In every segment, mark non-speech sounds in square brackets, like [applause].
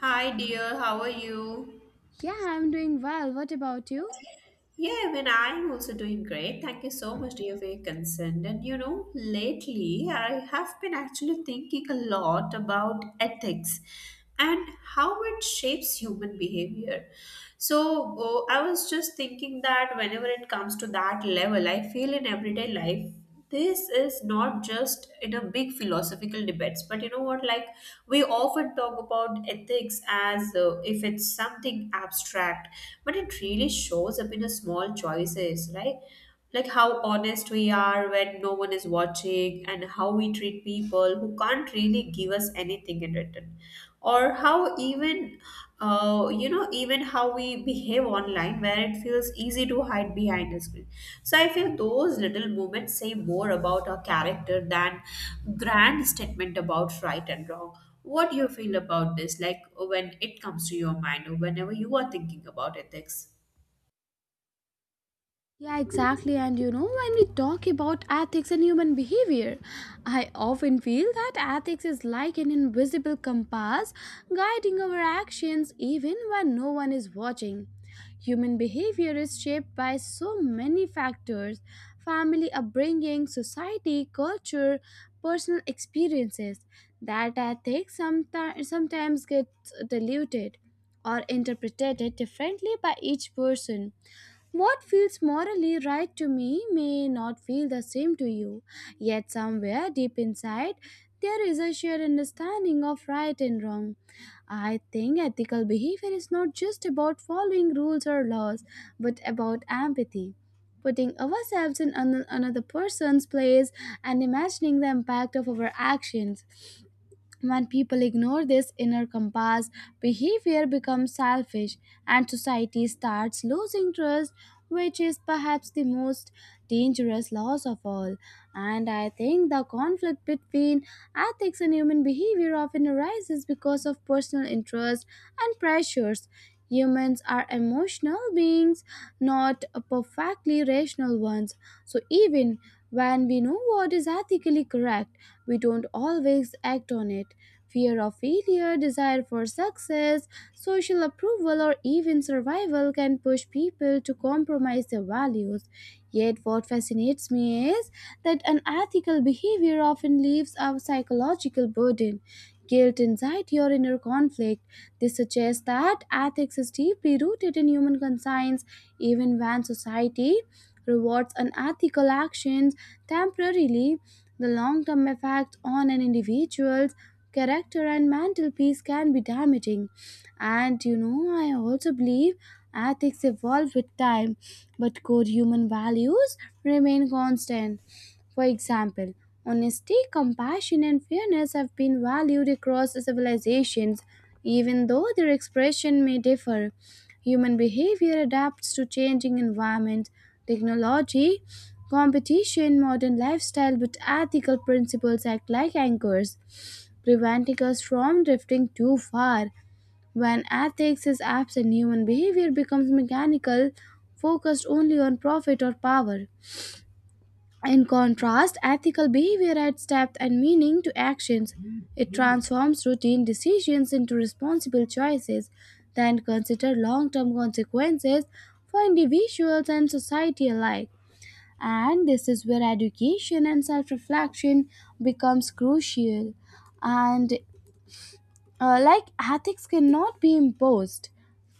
Hi, dear. How are you? Yeah, I'm doing well. What about you? Yeah, even I'm also doing great. Thank you so much, dear, for your concern. And you know, lately I have been actually thinking a lot about ethics and how it shapes human behavior. So, oh, I was just thinking that whenever it comes to that level, I feel in everyday life this is not just in a big philosophical debates, but you know what, like we often talk about ethics as if it's something abstract, but it really shows up in a small choices, right? Like how honest we are when no one is watching and how we treat people who can't really give us anything in return, or how even, you know, even how we behave online where it feels easy to hide behind a screen. So I feel those little moments say more about our character than grand statement about right and wrong. What do you feel about this? Like when it comes to your mind or whenever you are thinking about ethics? Yeah, exactly. And you know, when we talk about ethics and human behavior, I often feel that ethics is like an invisible compass guiding our actions even when no one is watching. Human behavior is shaped by so many factors family upbringing, society, culture, personal experiences that ethics sometimes gets diluted or interpreted differently by each person. What feels morally right to me may not feel the same to you, yet, somewhere deep inside, there is a shared understanding of right and wrong. I think ethical behavior is not just about following rules or laws, but about empathy. Putting ourselves in another person's place and imagining the impact of our actions. When people ignore this inner compass, behavior becomes selfish and society starts losing trust, which is perhaps the most dangerous loss of all. And I think the conflict between ethics and human behavior often arises because of personal interests and pressures. Humans are emotional beings, not perfectly rational ones. So, even when we know what is ethically correct, we don't always act on it. Fear of failure, desire for success, social approval, or even survival can push people to compromise their values. Yet, what fascinates me is that unethical behavior often leaves a psychological burden, guilt, anxiety, or inner conflict. This suggests that ethics is deeply rooted in human conscience, even when society rewards unethical actions temporarily, the long term effect on an individual's character and mental peace can be damaging. And you know, I also believe ethics evolve with time, but core human values remain constant. For example, honesty, compassion, and fairness have been valued across civilizations, even though their expression may differ. Human behavior adapts to changing environments, technology, competition, modern lifestyle, but ethical principles act like anchors, preventing us from drifting too far. When ethics is absent, human behavior becomes mechanical, focused only on profit or power. In contrast, ethical behavior adds depth and meaning to actions. It transforms routine decisions into responsible choices that consider long term consequences for individuals and society alike. And this is where education and self reflection becomes crucial. And like ethics cannot be imposed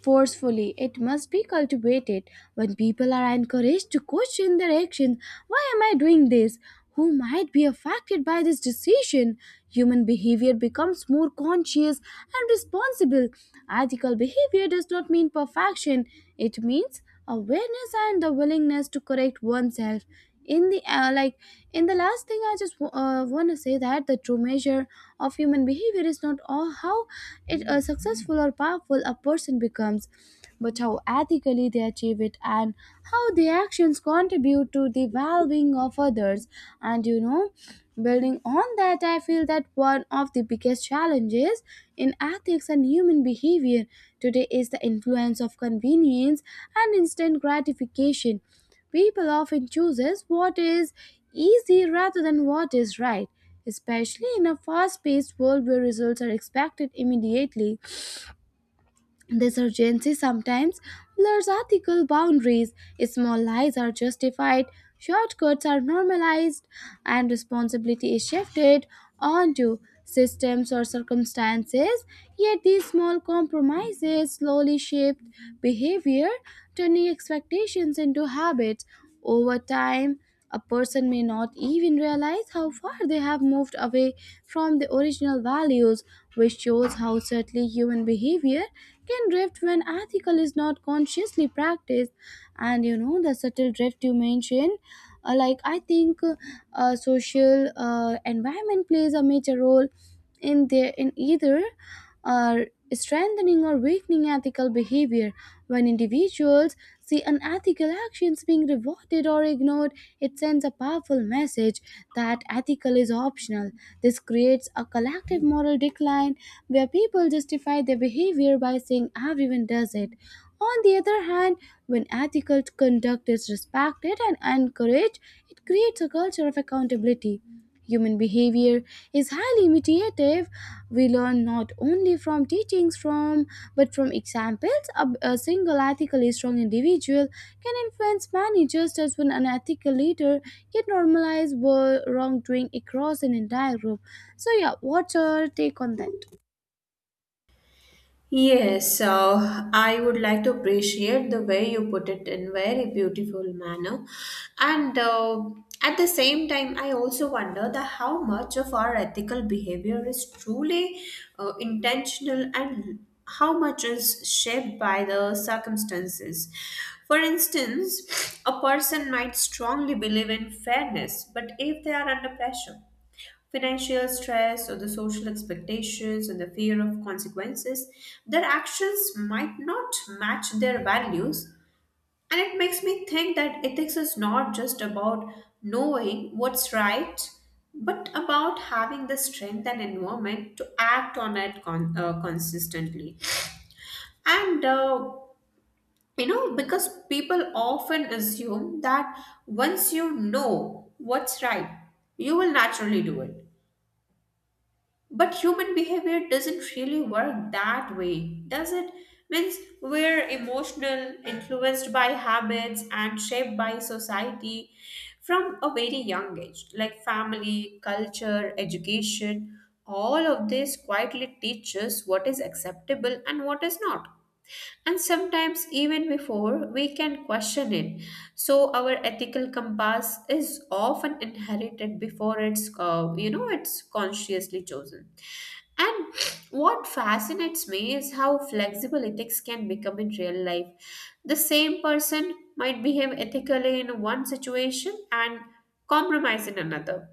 forcefully, it must be cultivated. When people are encouraged to question their actions, why am I doing this? Who might be affected by this decision? Human behavior becomes more conscious and responsible. Ethical behavior does not mean perfection, it means awareness and the willingness to correct oneself in the uh, like in the last thing I just want to say that the true measure of human behavior is not all how it successful or powerful a person becomes but how ethically they achieve it, and how their actions contribute to the well-being of others. And you know, building on that I feel that one of the biggest challenges in ethics and human behavior today is the influence of convenience and instant gratification. People often chooses what is easy rather than what is right, especially in a fast-paced world where results are expected immediately. This urgency sometimes blurs ethical boundaries. Small lies are justified, shortcuts are normalized, and responsibility is shifted onto systems or circumstances. Yet these small compromises slowly shape behavior, turning expectations into habits. Over time, a person may not even realize how far they have moved away from the original values, which shows how subtly human behavior can drift when ethical is not consciously practiced. And you know, the subtle drift you mentioned like I think social environment plays a major role in their in either uh, strengthening or weakening ethical behavior. When individuals see unethical actions being rewarded or ignored, it sends a powerful message that ethical is optional. This creates a collective moral decline where people justify their behavior by saying everyone does it. On the other hand, when ethical conduct is respected and encouraged, it creates a culture of accountability. Human behavior is highly imitative. We learn not only from teachings from but from examples. A single ethically strong individual can influence many, just as when an ethical leader can normalize wrongdoing across an entire group. So yeah, what's your take on that? Yes, I would like to appreciate the way you put it in very beautiful manner, and at the same time, I also wonder that how much of our ethical behavior is truly intentional and how much is shaped by the circumstances. For instance, a person might strongly believe in fairness, but if they are under pressure, financial stress or the social expectations and the fear of consequences, their actions might not match their values. And it makes me think that ethics is not just about knowing what's right, but about having the strength and environment to act on it consistently. And you know, because people often assume that once you know what's right, you will naturally do it. But human behavior doesn't really work that way, does it? Means we're emotional, influenced by habits, and shaped by society from a very young age, like family, culture, education. All of this quietly teaches what is acceptable and what is not. And sometimes, even before we can question it. So, our ethical compass is often inherited before you know, it's consciously chosen. And what fascinates me is how flexible ethics can become in real life. The same person might behave ethically in one situation and compromise in another,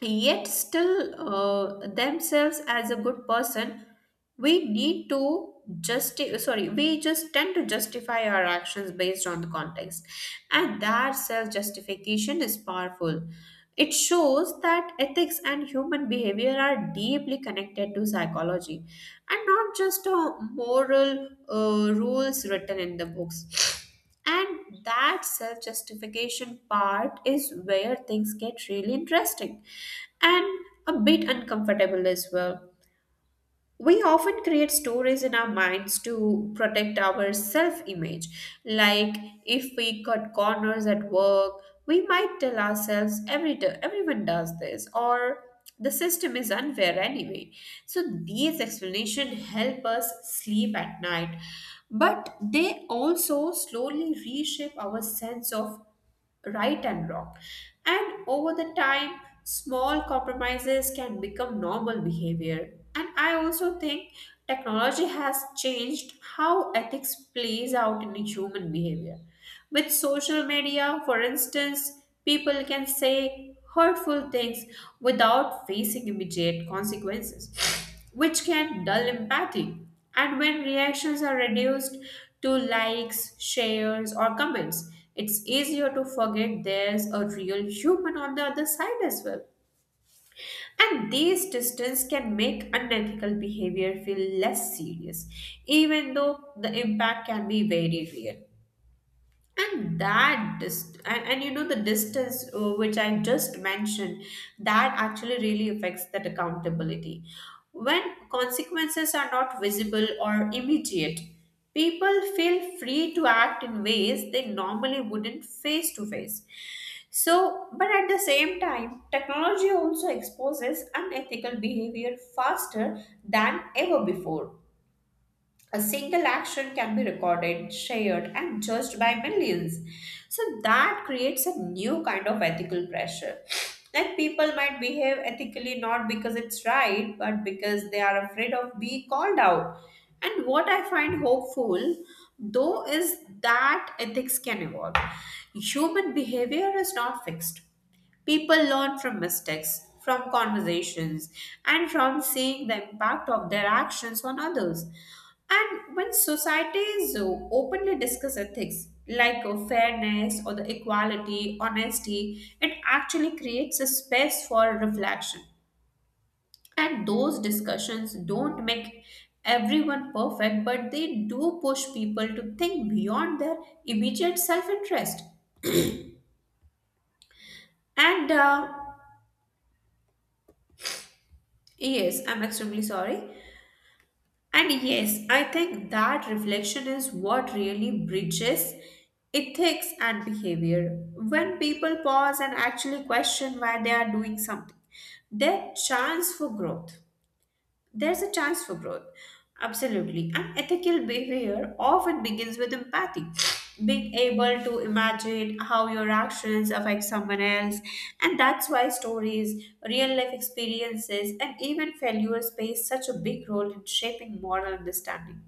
yet still themselves as a good person. We need to justi- sorry we just tend to justify our actions based on the context, and that self justification is powerful. It shows that ethics and human behavior are deeply connected to psychology and not just a moral rules written in the books. And that self justification part is where things get really interesting and a bit uncomfortable as well. We often create stories in our minds to protect our self image. Like if we cut corners at work, we might tell ourselves everyone does this, or the system is unfair anyway. So these explanations help us sleep at night, but they also slowly reshape our sense of right and wrong. And over the time, small compromises can become normal behavior. And I also think technology has changed how ethics plays out in human behavior. With social media, for instance, people can say hurtful things without facing immediate consequences, which can dull empathy. And when reactions are reduced to likes, shares, or comments, it's easier to forget there's a real human on the other side as well. And these distance can make unethical behavior feel less serious, even though the impact can be very real. And you know, the distance which I just mentioned, that actually really affects that accountability. When consequences are not visible or immediate, people feel free to act in ways they normally wouldn't face to face. So but at the same time, technology also exposes unethical behavior faster than ever before. A single action can be recorded, shared, and judged by millions. So that creates a new kind of ethical pressure. That people might behave ethically not because it's right, but because they are afraid of being called out. And what I find hopeful, though, is that ethics can evolve. Human behavior is not fixed. People learn from mistakes, from conversations, and from seeing the impact of their actions on others. And when societies openly discuss ethics, like fairness or the equality, honesty, it actually creates a space for reflection. And those discussions don't make everyone perfect, but they do push people to think beyond their immediate self interest. And Yes, I'm extremely sorry. And yes, I think that reflection is what really bridges ethics and behavior. When people pause and actually question why they are doing something, they have chance for growth there's a chance for growth. Absolutely. And ethical behavior often begins with empathy. Being able to imagine how your actions affect someone else. And that's why stories, real life experiences, and even failures play such a big role in shaping moral understanding.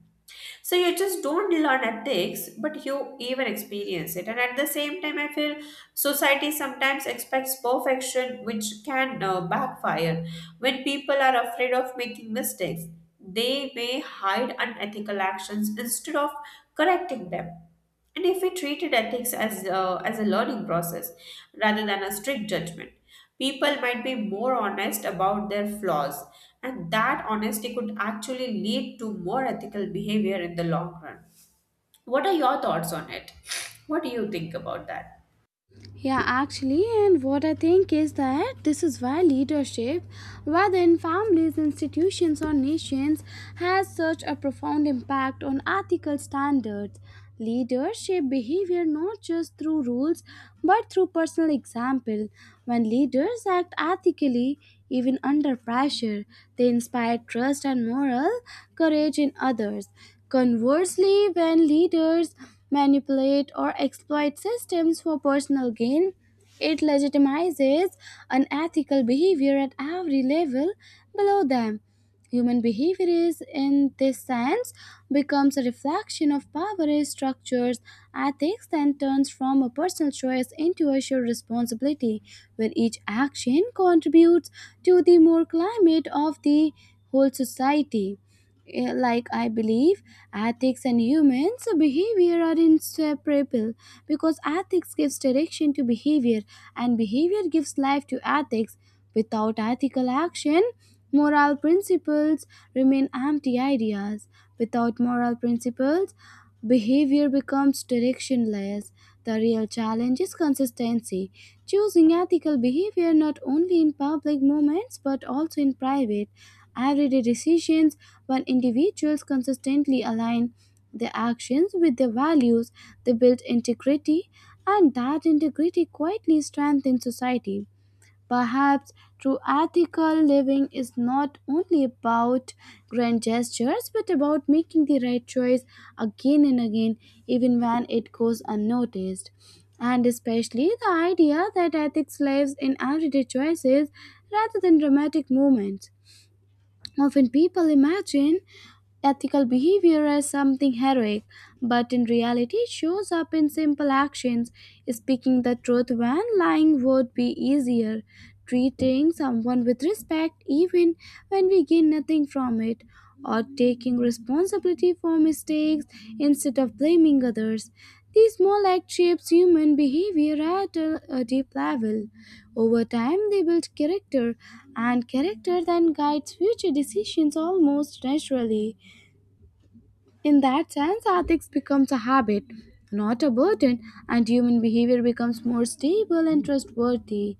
So you just don't learn ethics, but you even experience it. And at the same time, I feel society sometimes expects perfection, which can backfire. When people are afraid of making mistakes, they may hide unethical actions instead of correcting them. And if we treated ethics as a learning process rather than a strict judgment, people might be more honest about their flaws, and that honesty could actually lead to more ethical behavior in the long run. What are your thoughts on it? What do you think about that? Yeah, actually, and what I think is that this is why leadership, whether in families, institutions, or nations, has such a profound impact on ethical standards. Leaders shape behavior not just through rules but through personal example. When leaders act ethically, even under pressure, they inspire trust and moral courage in others. Conversely, when leaders manipulate, or exploit systems for personal gain. It legitimizes unethical behavior at every level below them. Human behavior is, in this sense, becomes a reflection of power structures, ethics, and turns from a personal choice into a shared responsibility, where each action contributes to the moral climate of the whole society. Eh, like I believe ethics and humans' behavior are inseparable because ethics gives direction to behavior and behavior gives life to ethics. Without ethical action, moral principles remain empty ideas. Without moral principles, behavior becomes directionless. The real challenge is consistency. Choosing ethical behavior not only in public moments but also in private, everyday decisions. When individuals consistently align their actions with their values, they build integrity, and that integrity quietly strengthens society. Perhaps true ethical living is not only about grand gestures but about making the right choice again and again, even when it goes unnoticed. And especially the idea that ethics lives in everyday choices rather than dramatic moments. Often people imagine ethical behavior as something heroic, but in reality it shows up in simple actions. Speaking the truth when lying would be easier. Treating someone with respect even when we gain nothing from it. Or taking responsibility for mistakes instead of blaming others. These small acts shapes human behavior at a deep level. Over time, they build character, and character then guides future decisions almost naturally. In that sense, ethics becomes a habit, not a burden, and human behavior becomes more stable and trustworthy.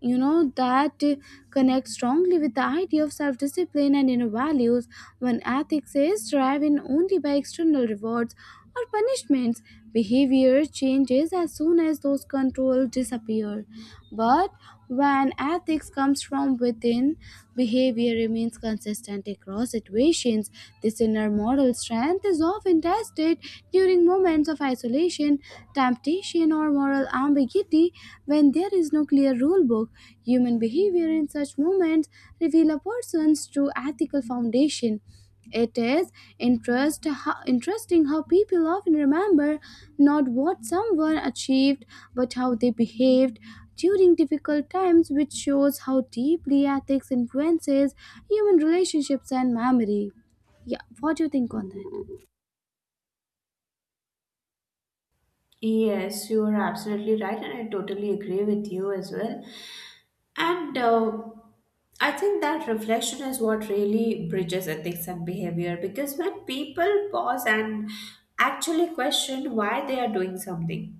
You know that connects strongly with the idea of self-discipline and inner values. When ethics is driven only by external rewards or punishments, behavior changes as soon as those controls disappear. But when ethics comes from within, behavior remains consistent across situations. This inner moral strength is often tested during moments of isolation discrimination, temptation, or moral ambiguity when there is no clear rule book. Human behavior in such moments reveal a person's true ethical foundation. It is interesting how people often remember not what someone achieved but how they behaved during difficult times, which shows how deeply ethics influences human relationships and memory. Yeah, what do you think on that? Yes, you are absolutely right, and I totally agree with you as well. And I think that reflection is what really bridges ethics and behavior, because when people pause and actually question why they are doing something,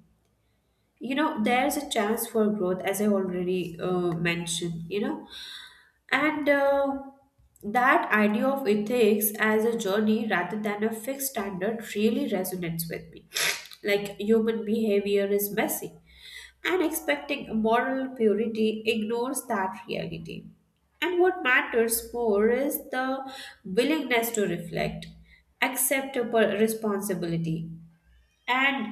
you know, there's a chance for growth, as I already mentioned, you know. And That idea of ethics as a journey rather than a fixed standard really resonates with me. [sniffs] Like human behavior is messy, and expecting moral purity ignores that reality. And what matters more is the willingness to reflect, accept responsibility, and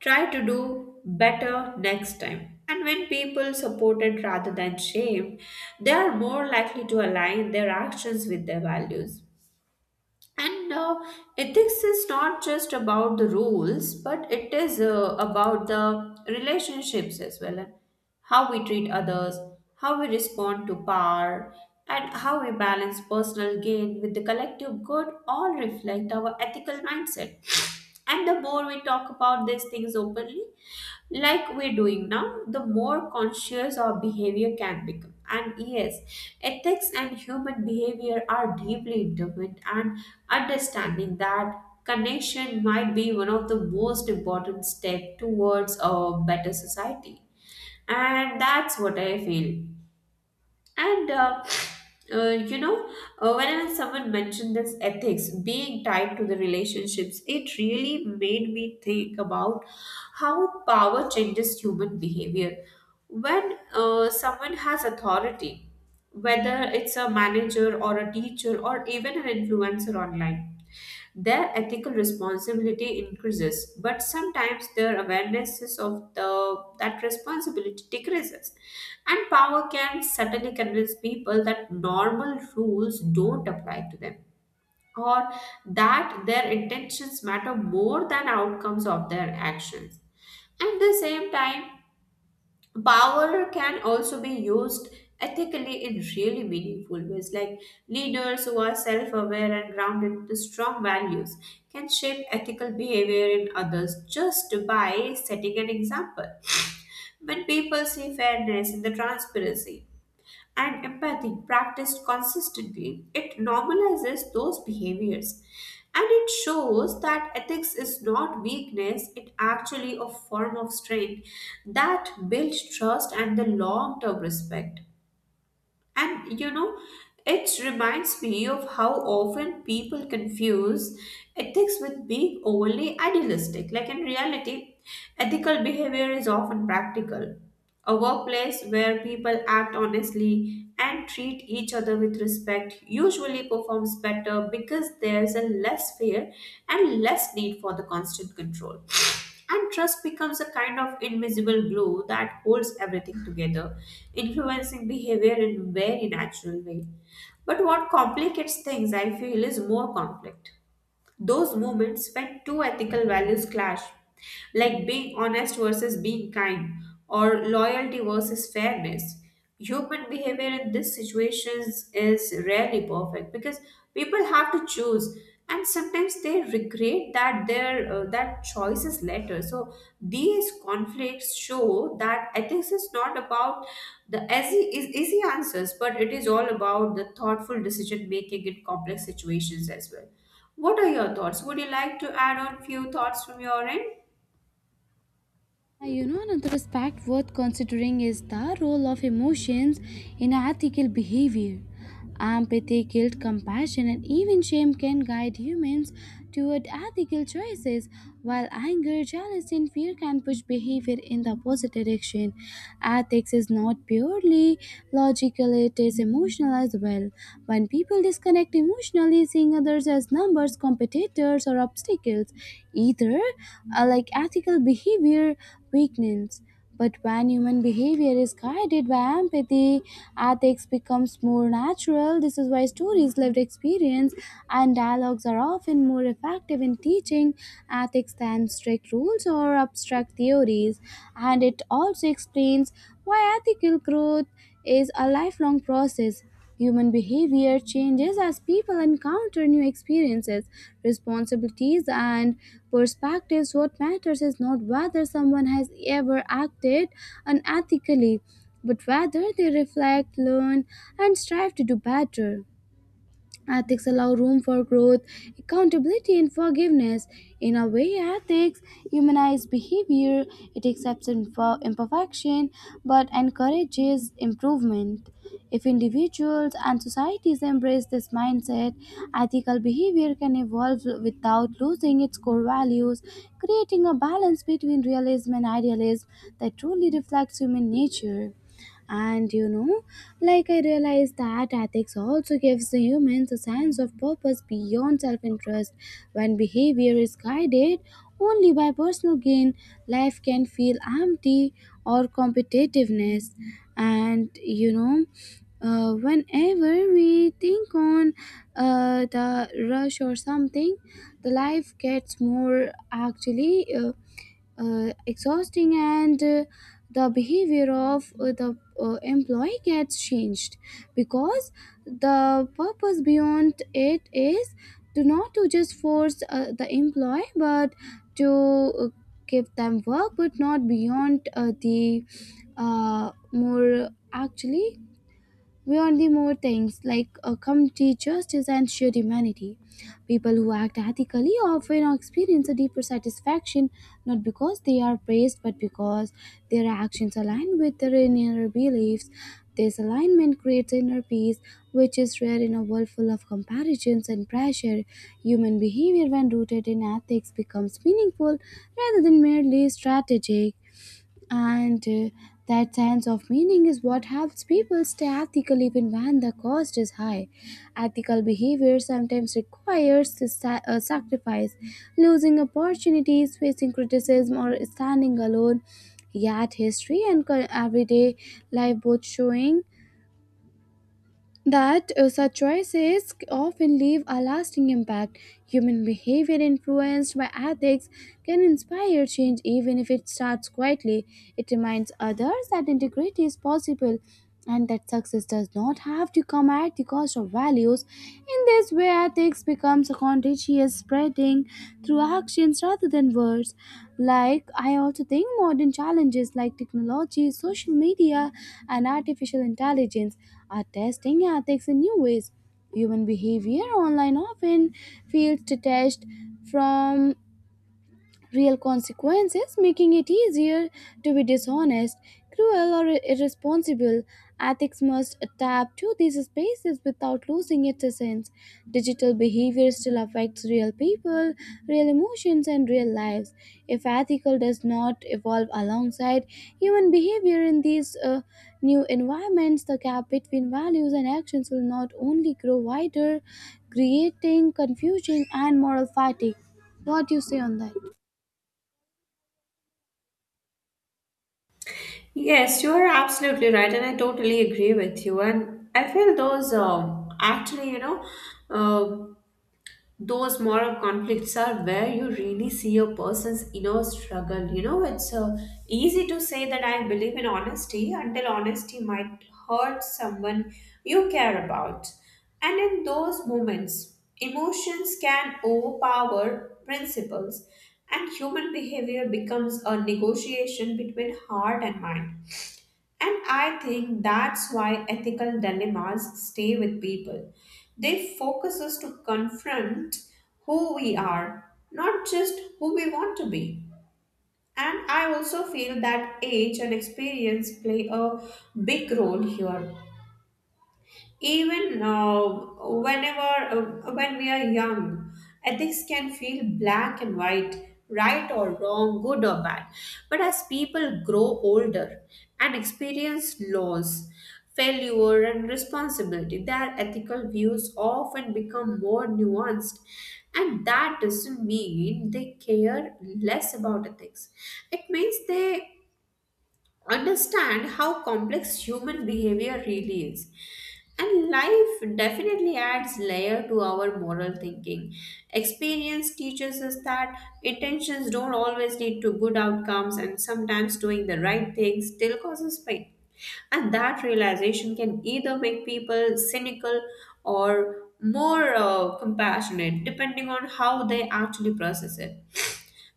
try to do better next time. And when people supported rather than shamed, they are more likely to align their actions with their values. And ethics is not just about the rules, but it is about the relationships as well, and how we treat others, how we respond to power, and how we balance personal gain with the collective good all reflect our ethical mindset. And the more we talk about these things openly, like we're doing now, the more conscious our behavior can become. And yes, ethics and human behavior are deeply intertwined, and understanding that connection might be one of the most important steps towards a better society. And that's what I feel. And You know, whenever someone mentioned this ethics being tied to the relationships, it really made me think about how power changes human behavior. When someone has authority, whether it's a manager or a teacher or even an influencer online, their ethical responsibility increases, but sometimes their awareness is of the that responsibility decreases. And power can subtly convince people that normal rules don't apply to them, or that their intentions matter more than outcomes of their actions. At the same time, power can also be used ethically in really meaningful ways, like leaders who are self-aware and grounded in strong values can shape ethical behavior in others just by setting an example. [sniffs] When people see fairness and the transparency and empathy practiced consistently, it normalizes those behaviors. And it shows that ethics is not weakness, it actually a form of strength that builds trust and the long-term respect. And you know, it reminds me of how often people confuse ethics with being overly idealistic. Like in reality, ethical behavior is often practical. A workplace where people act honestly and treat each other with respect usually performs better because there's a less fear and less need for the constant control. And trust becomes a kind of invisible glue that holds everything together, influencing behavior in very natural way. But what complicates things, I feel, is more conflict. Those moments when two ethical values clash, like being honest versus being kind, or loyalty versus fairness. Human behavior in these situations is rarely perfect because people have to choose, and sometimes they regret that their that choice is later. So these conflicts show that ethics is not about the easy answers, but it is all about the thoughtful decision making in complex situations as well. What are your thoughts? Would you like to add on few thoughts from your end? You know, another aspect worth considering is the role of emotions in ethical behavior. Empathy, guilt, compassion, and even shame can guide humans toward ethical choices, while anger, jealousy, and fear can push behavior in the opposite direction. Ethics is not purely logical, it is emotional as well. When people disconnect emotionally, seeing others as numbers, competitors, or obstacles. Either like ethical behavior weakens. But when human behavior is guided by empathy, ethics becomes more natural. This is why stories, lived experience, and dialogues are often more effective in teaching ethics than strict rules or abstract theories. And it also explains why ethical growth is a lifelong process. Human behavior changes as people encounter new experiences, responsibilities, and perspectives. What matters is not whether someone has ever acted unethically, but whether they reflect, learn, and strive to do better. Ethics allow room for growth, accountability, and forgiveness. In a way, ethics humanize behavior, it accepts imperfection but encourages improvement. If individuals and societies embrace this mindset, ethical behavior can evolve without losing its core values, creating a balance between realism and idealism that truly reflects human nature. And you know, like I realized that ethics also gives the humans a sense of purpose beyond self-interest. When behavior is guided only by personal gain, life can feel empty or competitiveness. And you know, whenever we think on the rush or something, the life gets more actually exhausting, and the behavior of the employee gets changed because the purpose beyond it is to not to just force the employee but to give them work but not beyond the more actually we only more things like community justice and shared humanity. People who act ethically often experience a deeper satisfaction not because they are praised but because their actions align with their inner beliefs. This alignment creates inner peace, which is rare in a world full of comparisons and pressure. Human behavior, when rooted in ethics, becomes meaningful rather than merely strategic. And that sense of meaning is what helps people stay ethical even when the cost is high. Ethical behavior sometimes requires to sacrifice, losing opportunities, facing criticism, or standing alone. Yet, history and everyday life both showing that such choices often leave a lasting impact. Human behavior influenced by ethics can inspire change even if it starts quietly. It reminds others that integrity is possible and that success does not have to come at the cost of values. In this way, ethics becomes a content she is spreading through actions rather than words. Like, I also think modern challenges like technology, social media, and artificial intelligence are testing ethics in new ways. Human behavior online often feels detached from real consequences, making it easier to be dishonest, cruel, or irresponsible. Ethics must adapt to these spaces without losing its essence. Digital behavior still affects real people, real emotions, and real lives. If ethical does not evolve alongside human behavior in these new environments, the gap between values and actions will not only grow wider, creating confusion and moral fatigue. What do you say on that? Yes, you are absolutely right, and I totally agree with you. And I feel those uh, those moral conflicts are where you really see a person's inner struggle you know it's Easy to say that I believe in honesty until honesty might hurt someone you care about. And in those moments, emotions can overpower principles, and human behavior becomes a negotiation between heart and mind. And I think that's why ethical dilemmas stay with people. They focus us to confront who we are, not just who we want to be. And I also feel that age and experience play a big role here. Even whenever When we are young, ethics can feel black and white, right or wrong, good or bad. But as people grow older and experience loss, failure, and responsibility, their ethical views often become more nuanced. And that doesn't mean they care less about ethics. It means they understand how complex human behavior really is. And life definitely adds layer to our moral thinking. Experience teaches us that intentions don't always lead to good outcomes, and sometimes doing the right thing still causes pain. And that realization can either make people cynical or more compassionate, depending on how they actually process it.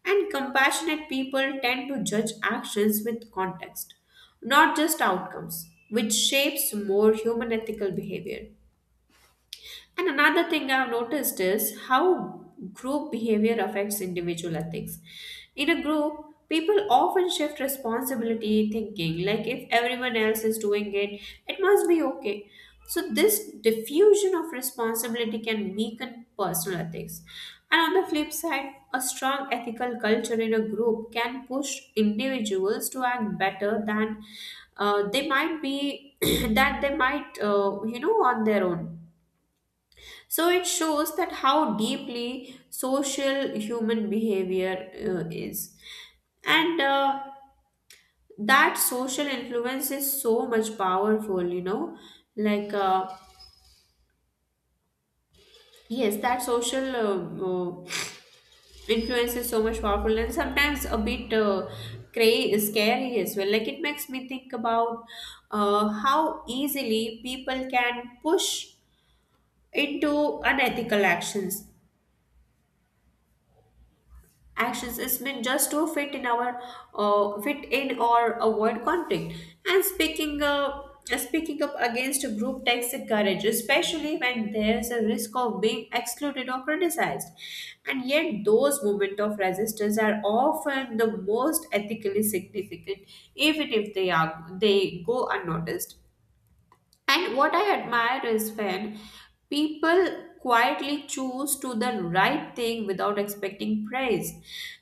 And compassionate people tend to judge actions with context, not just outcomes, which shapes more human ethical behavior. And another thing I've noticed is how group behavior affects individual ethics. In a group, people often shift responsibility thinking, like if everyone else is doing it, it must be okay. So, this diffusion of responsibility can weaken personal ethics. And on the flip side, a strong ethical culture in a group can push individuals to act better than uh, they might be, [clears throat] that they might, you know, on their own. So it shows that how deeply social human behavior is. And that social influence is so much powerful, you know. Like, yes, that social Influence is so much powerful and sometimes a bit scary as well. Like, it makes me think about how easily people can push into unethical actions is meant just to fit in our fit in or avoid conflict. And speaking up against a group takes a courage, especially when there's a risk of being excluded or criticized. And yet those moments of resistance are often the most ethically significant, even if they go unnoticed. And what I admire is when people quietly choose to the right thing without expecting praise.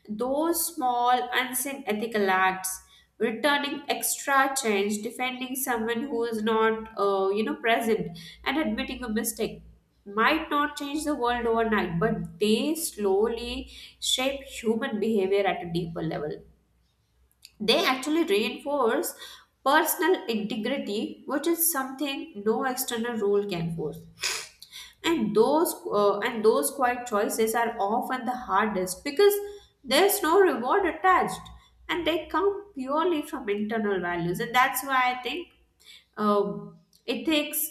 Those small, unseen ethical acts, returning extra change, defending someone who is not, you know, present, and admitting a mistake, might not change the world overnight, but they slowly shape human behavior at a deeper level. They actually reinforce personal integrity, which is something no external rule can force. And those quiet choices are often the hardest because there's no reward attached, and they come purely from internal values. And that's why I think um, ethics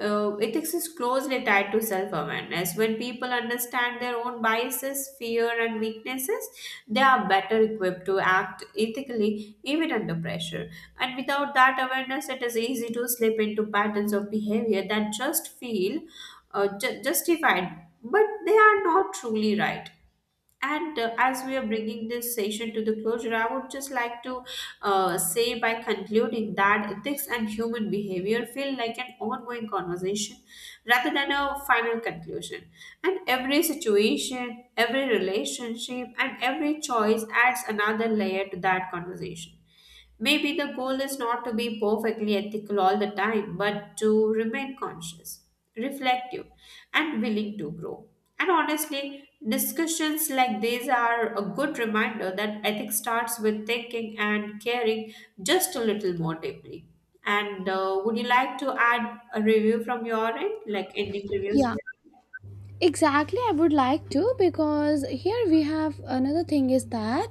ethics is closely tied to self-awareness. When people understand their own biases, fear, and weaknesses, they are better equipped to act ethically even under pressure. And without that awareness, it is easy to slip into patterns of behavior that just feel justified, but they are not truly right. And as we are bringing this session to the closure, I would just like to say by concluding that ethics and human behavior feel like an ongoing conversation rather than a final conclusion. And every situation, every relationship, and every choice adds another layer to that conversation. Maybe the goal is not to be perfectly ethical all the time, but to remain conscious, reflective, and willing to grow. And honestly, discussions like these are a good reminder that ethics starts with thinking and caring just a little more deeply. And Would you like to add a review from your end, like ending reviews? Yeah, exactly. I would like to, because here we have another thing is that,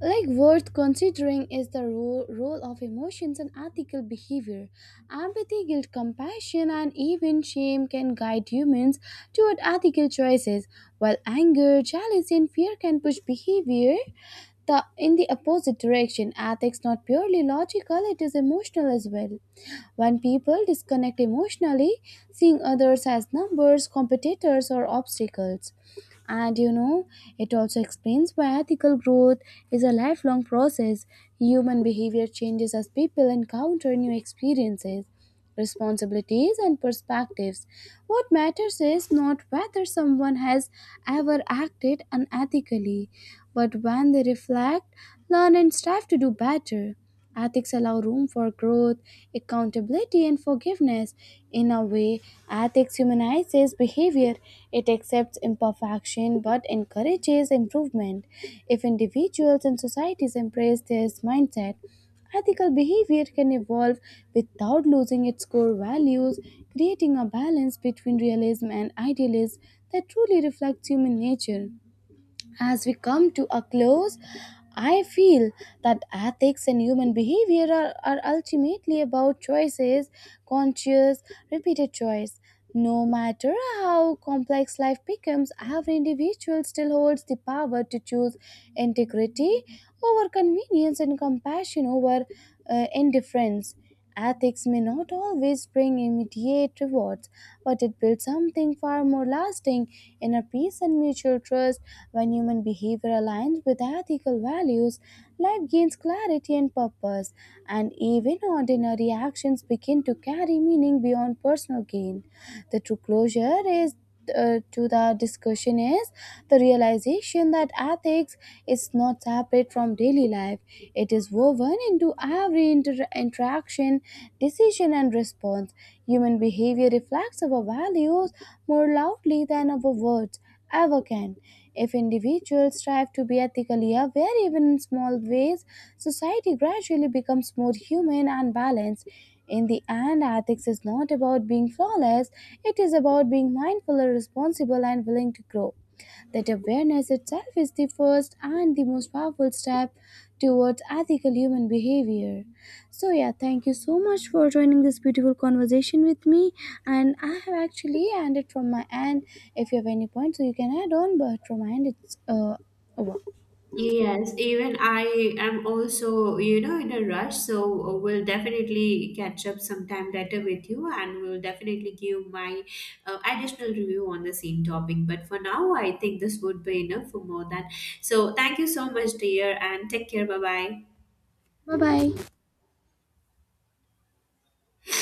like, worth considering is the role of emotions and ethical behavior. Empathy, guilt, compassion, and even shame can guide humans toward ethical choices, while anger, jealousy, and fear can push behavior in the opposite direction. Ethics not purely logical, it is emotional as well. When people disconnect emotionally, seeing others as numbers, competitors, or obstacles, and you know, it also explains why ethical growth is a lifelong process. Human behavior changes as people encounter new experiences, responsibilities, and perspectives. What matters is not whether someone has ever acted unethically, but when they reflect, learn, and strive to do better. Ethics allow room for growth, accountability, and forgiveness. In a way, ethics humanizes behavior. It accepts imperfection but encourages improvement. If individuals and societies embrace this mindset, ethical behavior can evolve without losing its core values, creating a balance between realism and idealism that truly reflects human nature. As we come to a close, I feel that ethics and human behavior are ultimately about choices, conscious, repeated choice. No matter how complex life becomes, every individual still holds the power to choose integrity over convenience and compassion over indifference. Ethics may not always bring immediate rewards, but it builds something far more lasting, inner peace and mutual trust. When human behavior aligns with ethical values, life gains clarity and purpose, and even ordinary actions begin to carry meaning beyond personal gain. The true closure is to the discussion is the realization that ethics is not separate from daily life. It is woven into every interaction, decision, and response. Human behavior reflects our values more loudly than our words ever can. If individuals strive to be ethically aware, even in small ways, society gradually becomes more human and balanced. In the end, ethics is not about being flawless, it is about being mindful, responsible, and willing to grow. That awareness itself is the first and the most powerful step towards ethical human behavior. So, yeah, thank you so much for joining this beautiful conversation with me. And I have actually ended from my end. If you have any points, so you can add on, but from my end, it's over. Yes, even I am also, you know, in a rush, so we'll definitely catch up sometime later with you, and we'll definitely give my additional review on the same topic. But for now, I think this would be enough for more than. So thank you so much, dear, and take care. Bye bye. Bye bye.